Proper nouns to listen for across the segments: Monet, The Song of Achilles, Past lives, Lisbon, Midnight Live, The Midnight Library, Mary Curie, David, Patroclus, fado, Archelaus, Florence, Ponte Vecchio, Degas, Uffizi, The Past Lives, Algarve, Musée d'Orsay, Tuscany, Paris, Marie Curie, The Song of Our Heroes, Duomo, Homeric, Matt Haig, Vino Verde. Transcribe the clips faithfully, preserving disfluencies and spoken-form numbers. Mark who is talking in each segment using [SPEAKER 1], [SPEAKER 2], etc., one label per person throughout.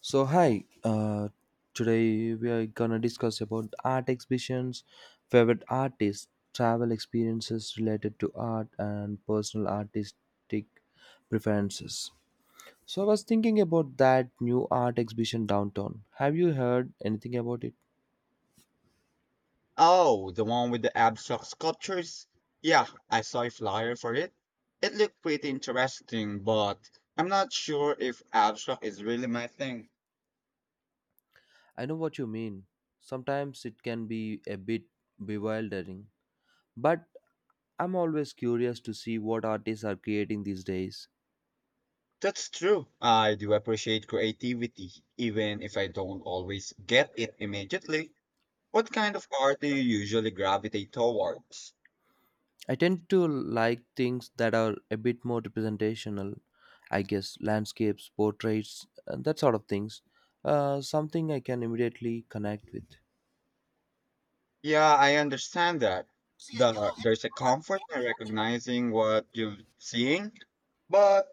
[SPEAKER 1] So hi, uh, today we are gonna discuss about art exhibitions, favorite artists, travel experiences related to art, and personal artistic preferences. So I was thinking about that new art exhibition downtown. Have you heard anything about it?
[SPEAKER 2] Oh, the one with the abstract sculptures? Yeah, I saw a flyer for it. It looked pretty interesting, but I'm not sure if abstract is really my thing.
[SPEAKER 1] I know what you mean. Sometimes it can be a bit bewildering, but I'm always curious to see what artists are creating these days.
[SPEAKER 2] That's true. I do appreciate creativity, even if I don't always get it immediately. What kind of art do you usually gravitate towards?
[SPEAKER 1] I tend to like things that are a bit more representational, I guess, landscapes, portraits, and that sort of things. Uh, something I can immediately connect with.
[SPEAKER 2] Yeah, I understand that. The, there's a comfort in recognizing what you're seeing, but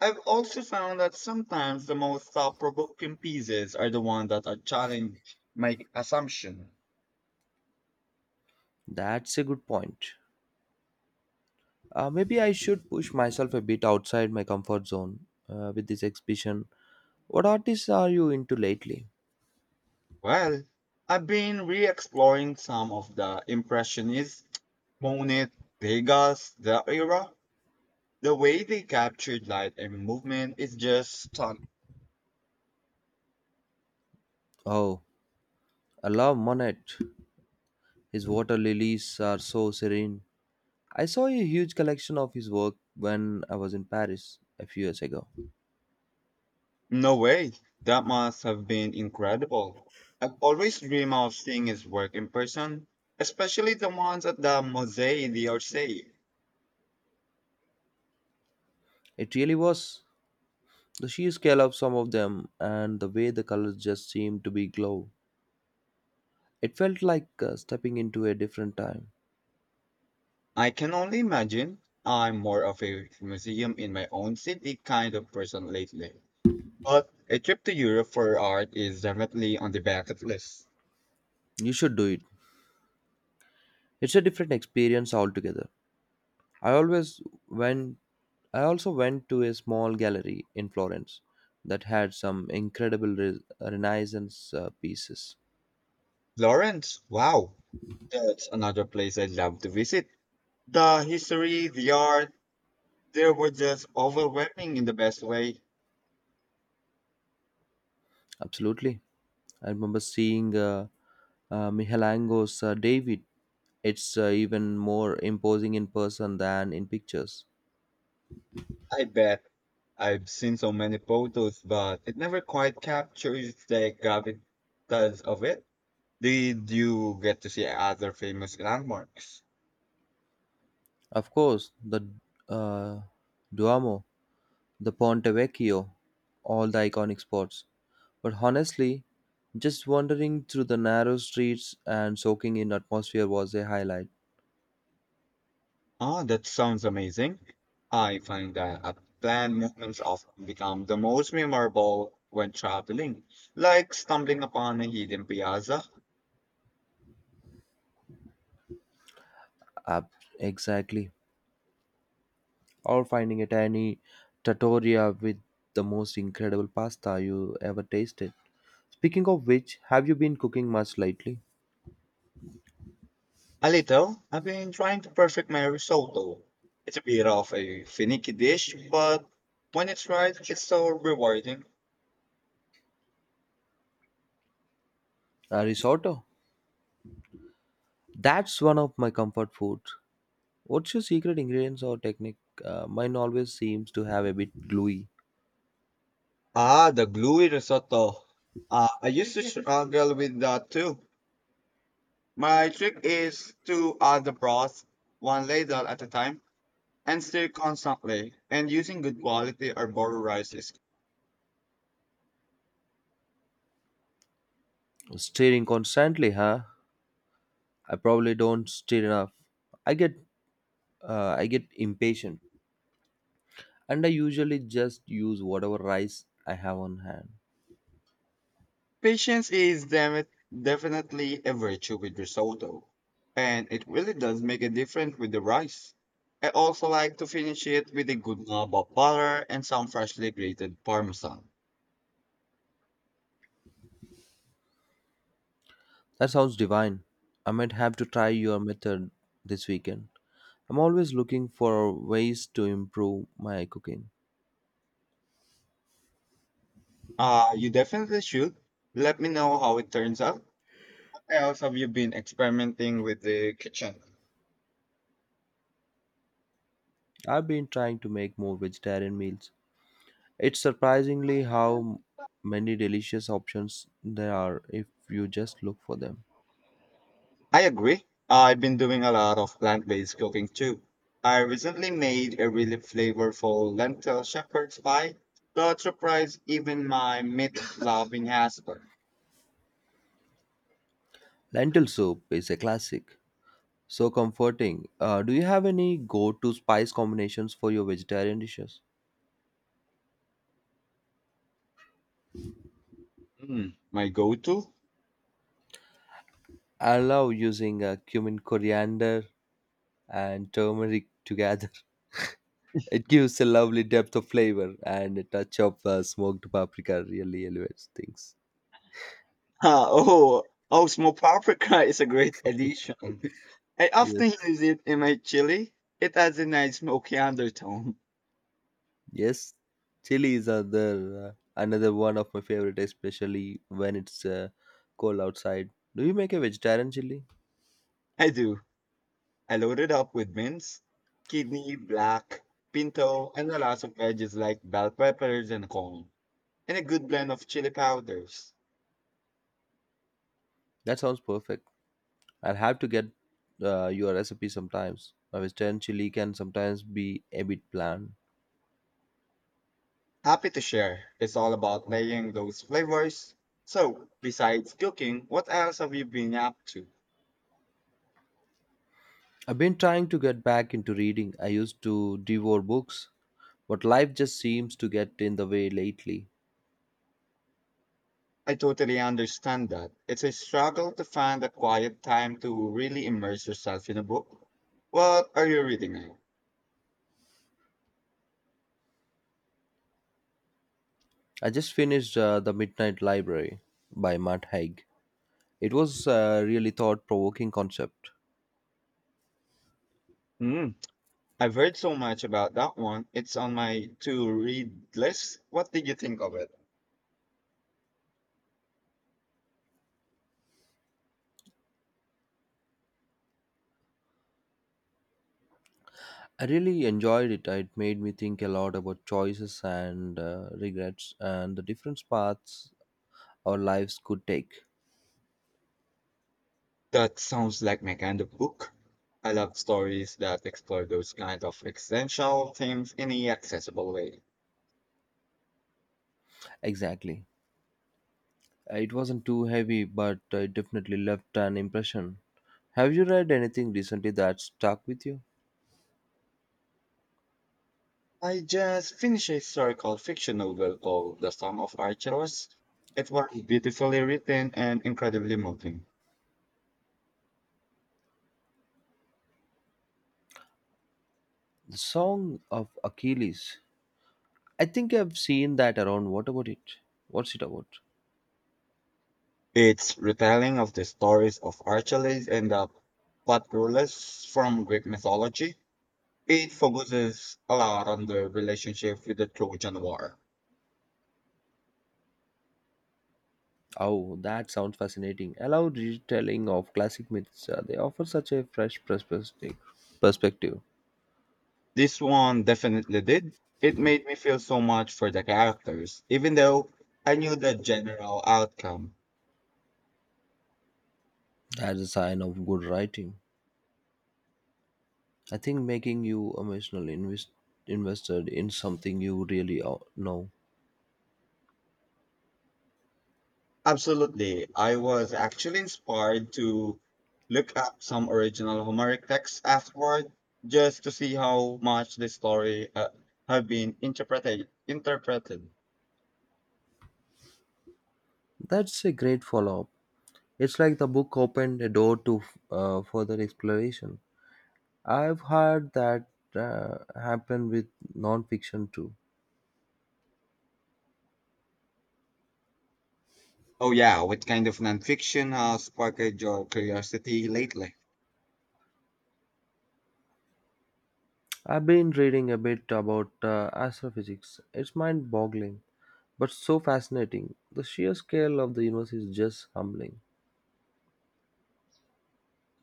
[SPEAKER 2] I've also found that sometimes the most thought provoking pieces are the ones that are challenge my assumption.
[SPEAKER 1] That's a good point. Uh, maybe I should push myself a bit outside my comfort zone uh, with this exhibition. What artists are you into lately?
[SPEAKER 2] Well, I've been re exploring some of the Impressionist, Monet, Degas, the era. The way they captured light and movement is just stunning.
[SPEAKER 1] Oh, I love Monet. His water lilies are so serene. I saw a huge collection of his work when I was in Paris a few years ago.
[SPEAKER 2] No way. That must have been incredible. I've always dreamed of seeing his work in person, especially the ones at the Musée d'Orsay.
[SPEAKER 1] It really was. The sheer scale of some of them and the way the colors just seemed to be glow. It felt like uh, stepping into a different time.
[SPEAKER 2] I can only imagine. I'm more of a museum in my own city kind of person lately. But a trip to Europe for art is definitely on the bucket list.
[SPEAKER 1] You should do it. It's a different experience altogether. I always went I also went to a small gallery in Florence that had some incredible re- Renaissance uh, pieces.
[SPEAKER 2] Florence, wow, that's another place I'd love to visit. The history, the art, they were just overwhelming in the best way.
[SPEAKER 1] Absolutely. I remember seeing uh, uh, Michelangelo's uh, David. It's uh, even more imposing in person than in pictures.
[SPEAKER 2] I bet. I've seen so many photos, but it never quite captures the gravitas of it. Did you get to see other famous landmarks?
[SPEAKER 1] Of course, the uh, Duomo, the Ponte Vecchio, all the iconic spots. But honestly, just wandering through the narrow streets and soaking in atmosphere was a highlight.
[SPEAKER 2] Ah, that sounds amazing. I find that uh, planned movements often become the most memorable when traveling, like stumbling upon a hidden piazza.
[SPEAKER 1] Up, exactly. Or finding a tiny trattoria with the most incredible pasta you ever tasted. Speaking of which, have you been cooking much lately?
[SPEAKER 2] A little, I've been trying to perfect my risotto. It's a bit of a finicky dish, but when it's right, it's so rewarding.
[SPEAKER 1] Uh, risotto. That's one of my comfort foods. What's your secret ingredients or technique? Uh, mine always seems to have a bit gluey.
[SPEAKER 2] Ah, the gluey risotto. Uh, I used to struggle with that too. My trick is to add the broth one ladle at a time and stir constantly, and using good quality arbor rice is
[SPEAKER 1] Stirring constantly, huh? I probably don't stir enough. I get, uh, I get impatient, and I usually just use whatever rice I have on hand.
[SPEAKER 2] patience is demi- definitely a virtue with risotto, and it really does make a difference with the rice. I also like to finish it with a good knob of butter and some freshly grated parmesan.
[SPEAKER 1] That sounds divine. I might have to try your method this weekend. I'm always looking for ways to improve my cooking.
[SPEAKER 2] Uh, you definitely should. Let me know how it turns out. What else have you been experimenting with the kitchen?
[SPEAKER 1] I've been trying to make more vegetarian meals. It's surprisingly how many delicious options there are if you just look for them.
[SPEAKER 2] I agree. I've been doing a lot of plant-based cooking too. I recently made a really flavorful lentil shepherd's pie that surprised even my meat-loving husband.
[SPEAKER 1] Lentil soup is a classic, so comforting. Uh, do you have any go to spice combinations for your vegetarian dishes?
[SPEAKER 2] Mm, my go-to?
[SPEAKER 1] I love using uh, cumin, coriander, and turmeric together. It gives a lovely depth of flavor, and a touch of uh, smoked paprika really elevates things.
[SPEAKER 2] Ah, oh, oh, smoked paprika is a great addition. I
[SPEAKER 1] Yes.
[SPEAKER 2] often use it in my chili. It has a nice smoky undertone.
[SPEAKER 1] Yes, chilies are there. uh, Another one of my favorite, especially when it's uh, cold outside. Do you make a vegetarian chili?
[SPEAKER 2] I do. I load it up with mince, kidney, black, pinto, and a lot of veggies like bell peppers and corn. And a good blend of chili powders.
[SPEAKER 1] That sounds perfect. I'll have to get uh, your recipe sometimes. My vegetarian chili can sometimes be a bit bland.
[SPEAKER 2] Happy to share. It's all about layering those flavors. So, besides cooking, what else have you been up to?
[SPEAKER 1] I've been trying to get back into reading. I used to devour books, but life just seems to get in the way lately.
[SPEAKER 2] I totally understand that. It's a struggle to find a quiet time to really immerse yourself in a book. What are you reading now?
[SPEAKER 1] I just finished uh, The Midnight Library by Matt Haig. It was a really thought provoking concept.
[SPEAKER 2] Hmm. I've heard so much about that one. It's on my to read list. What did you think of it?
[SPEAKER 1] I really enjoyed it. It made me think a lot about choices and uh, regrets and the different paths our lives could take.
[SPEAKER 2] That sounds like my kind of book. I love stories that explore those kind of existential themes in an accessible way.
[SPEAKER 1] Exactly. It wasn't too heavy, but it definitely left an impression. Have you read anything recently that stuck with you?
[SPEAKER 2] I just finished a historical fiction novel called The Song of Our Heroes. It was beautifully written and incredibly moving.
[SPEAKER 1] The Song of Achilles. I think I've seen that around. What about it? What's it about?
[SPEAKER 2] Its retelling of the stories of Archelaus and the Patroclus from Greek mythology. It focuses a lot on the relationship with the Trojan War.
[SPEAKER 1] Oh, that sounds fascinating. Allow retelling of classic myths. Uh, they offer such a fresh perspective. Perspective.
[SPEAKER 2] This one definitely did. It made me feel so much for the characters, even though I knew the general outcome.
[SPEAKER 1] That's a sign of good writing. I think making you emotionally invest- invested in something you really o- know.
[SPEAKER 2] Absolutely. I was actually inspired to look up some original Homeric texts afterward just to see how much the story uh, have been interpreted interpreted.
[SPEAKER 1] That's a great follow up. It's like the book opened a door to uh, further exploration. I've heard that uh, happen with nonfiction too.
[SPEAKER 2] Oh yeah, what kind of nonfiction has sparked your curiosity lately?
[SPEAKER 1] I've been reading a bit about uh, astrophysics. It's mind boggling, but so fascinating. The sheer scale of the universe is just humbling.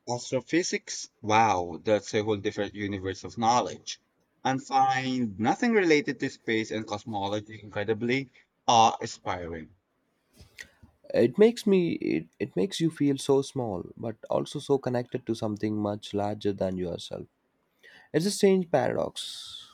[SPEAKER 2] Astrophysics? Wow, that's a whole different universe of knowledge. And find nothing related to space and cosmology incredibly awe-inspiring.
[SPEAKER 1] It makes me it, it makes you feel so small, but also so connected to something much larger than yourself. It's a strange paradox.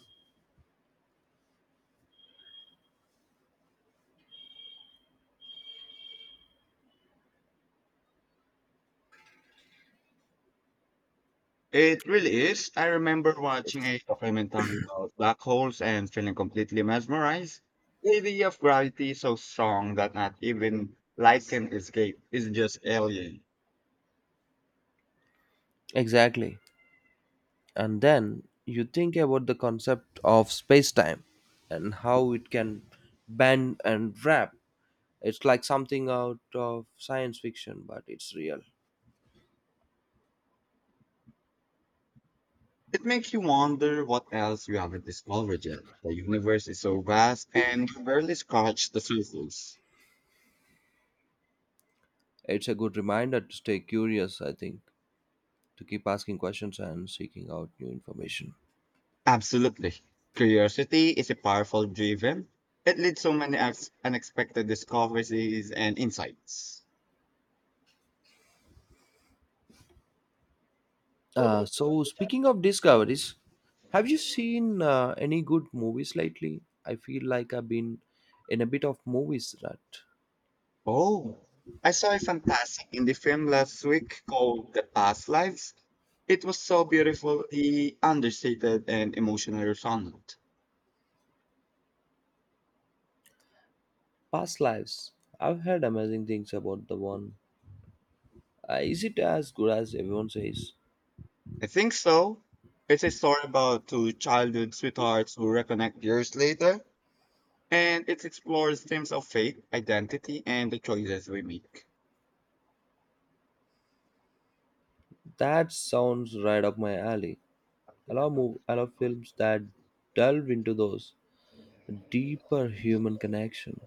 [SPEAKER 2] It really is. I remember watching
[SPEAKER 1] Yes.
[SPEAKER 2] a documentary about black holes and feeling completely mesmerized. The idea of gravity is so strong that not even light can escape. It's just alien.
[SPEAKER 1] Exactly. And then you think about the concept of space time and how it can bend and wrap. It's like something out of science fiction, but it's real.
[SPEAKER 2] It makes you wonder what else we haven't discovered yet. The universe is so vast and we barely scratched the surface.
[SPEAKER 1] It's a good reminder to stay curious, I think, to keep asking questions and seeking out new information.
[SPEAKER 2] Absolutely. Curiosity is a powerful driven. It leads so many ex- unexpected discoveries and insights.
[SPEAKER 1] Uh, so speaking of discoveries, have you seen uh, any good movies lately? I feel like I've been in a bit of movies rut.
[SPEAKER 2] Oh, I saw a fantastic indie film last week called The Past Lives. It was so beautifully understated and emotionally resonant.
[SPEAKER 1] Past lives. I've heard amazing things about the one. Uh, is it as good as everyone says?
[SPEAKER 2] I think so. It's a story about two childhood sweethearts who reconnect years later, and it explores themes of faith, identity, and the choices we make.
[SPEAKER 1] That sounds right up my alley. I love mov- I love films that delve into those deeper human connection.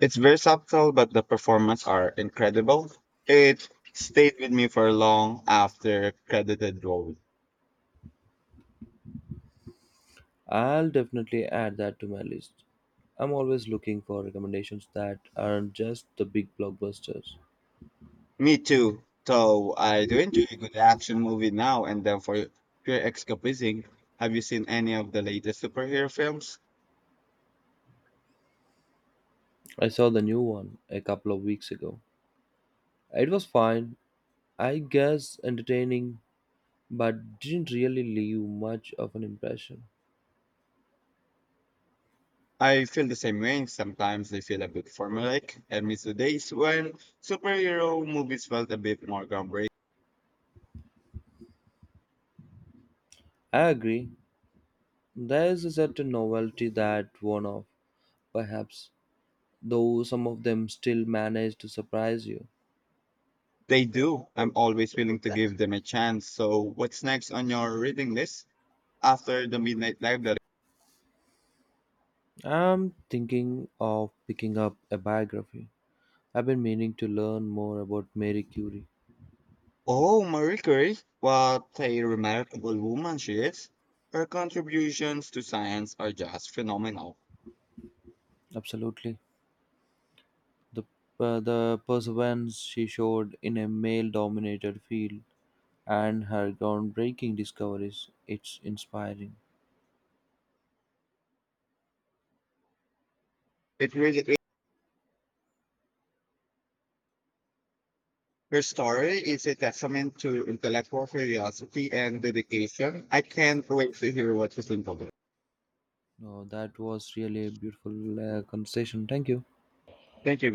[SPEAKER 2] It's very subtle, but the performance are incredible. It stayed with me for long after credited role.
[SPEAKER 1] I'll definitely add that to my list. I'm always looking for recommendations that aren't just the big blockbusters.
[SPEAKER 2] Me too. So I do enjoy a good action movie now and then for pure escapism. Have you seen any of the latest superhero films?
[SPEAKER 1] I saw the new one a couple of weeks ago. It was fine, I guess entertaining, but didn't really leave much of an impression.
[SPEAKER 2] I feel the same way. Sometimes they feel a bit formulaic. I miss the days when superhero movies felt a bit more groundbreaking.
[SPEAKER 1] I agree, there is a certain novelty that worn off, perhaps, though some of them still manage to surprise you.
[SPEAKER 2] They do. I'm always willing to give them a chance. So what's next on your reading list after the Midnight Live?
[SPEAKER 1] I'm thinking of picking up a biography. I've been meaning to learn more about Mary Curie.
[SPEAKER 2] Oh, Marie Curie, what a remarkable woman she is. Her contributions to science are just phenomenal.
[SPEAKER 1] Absolutely. The, uh, the perseverance she showed in a male dominated field and her groundbreaking discoveries. It's inspiring.
[SPEAKER 2] It really is. Her story is a testament to intellectual curiosity and dedication. I can't wait to hear what you think of it.
[SPEAKER 1] No, that was really a beautiful uh, conversation. Thank you.
[SPEAKER 2] Thank you.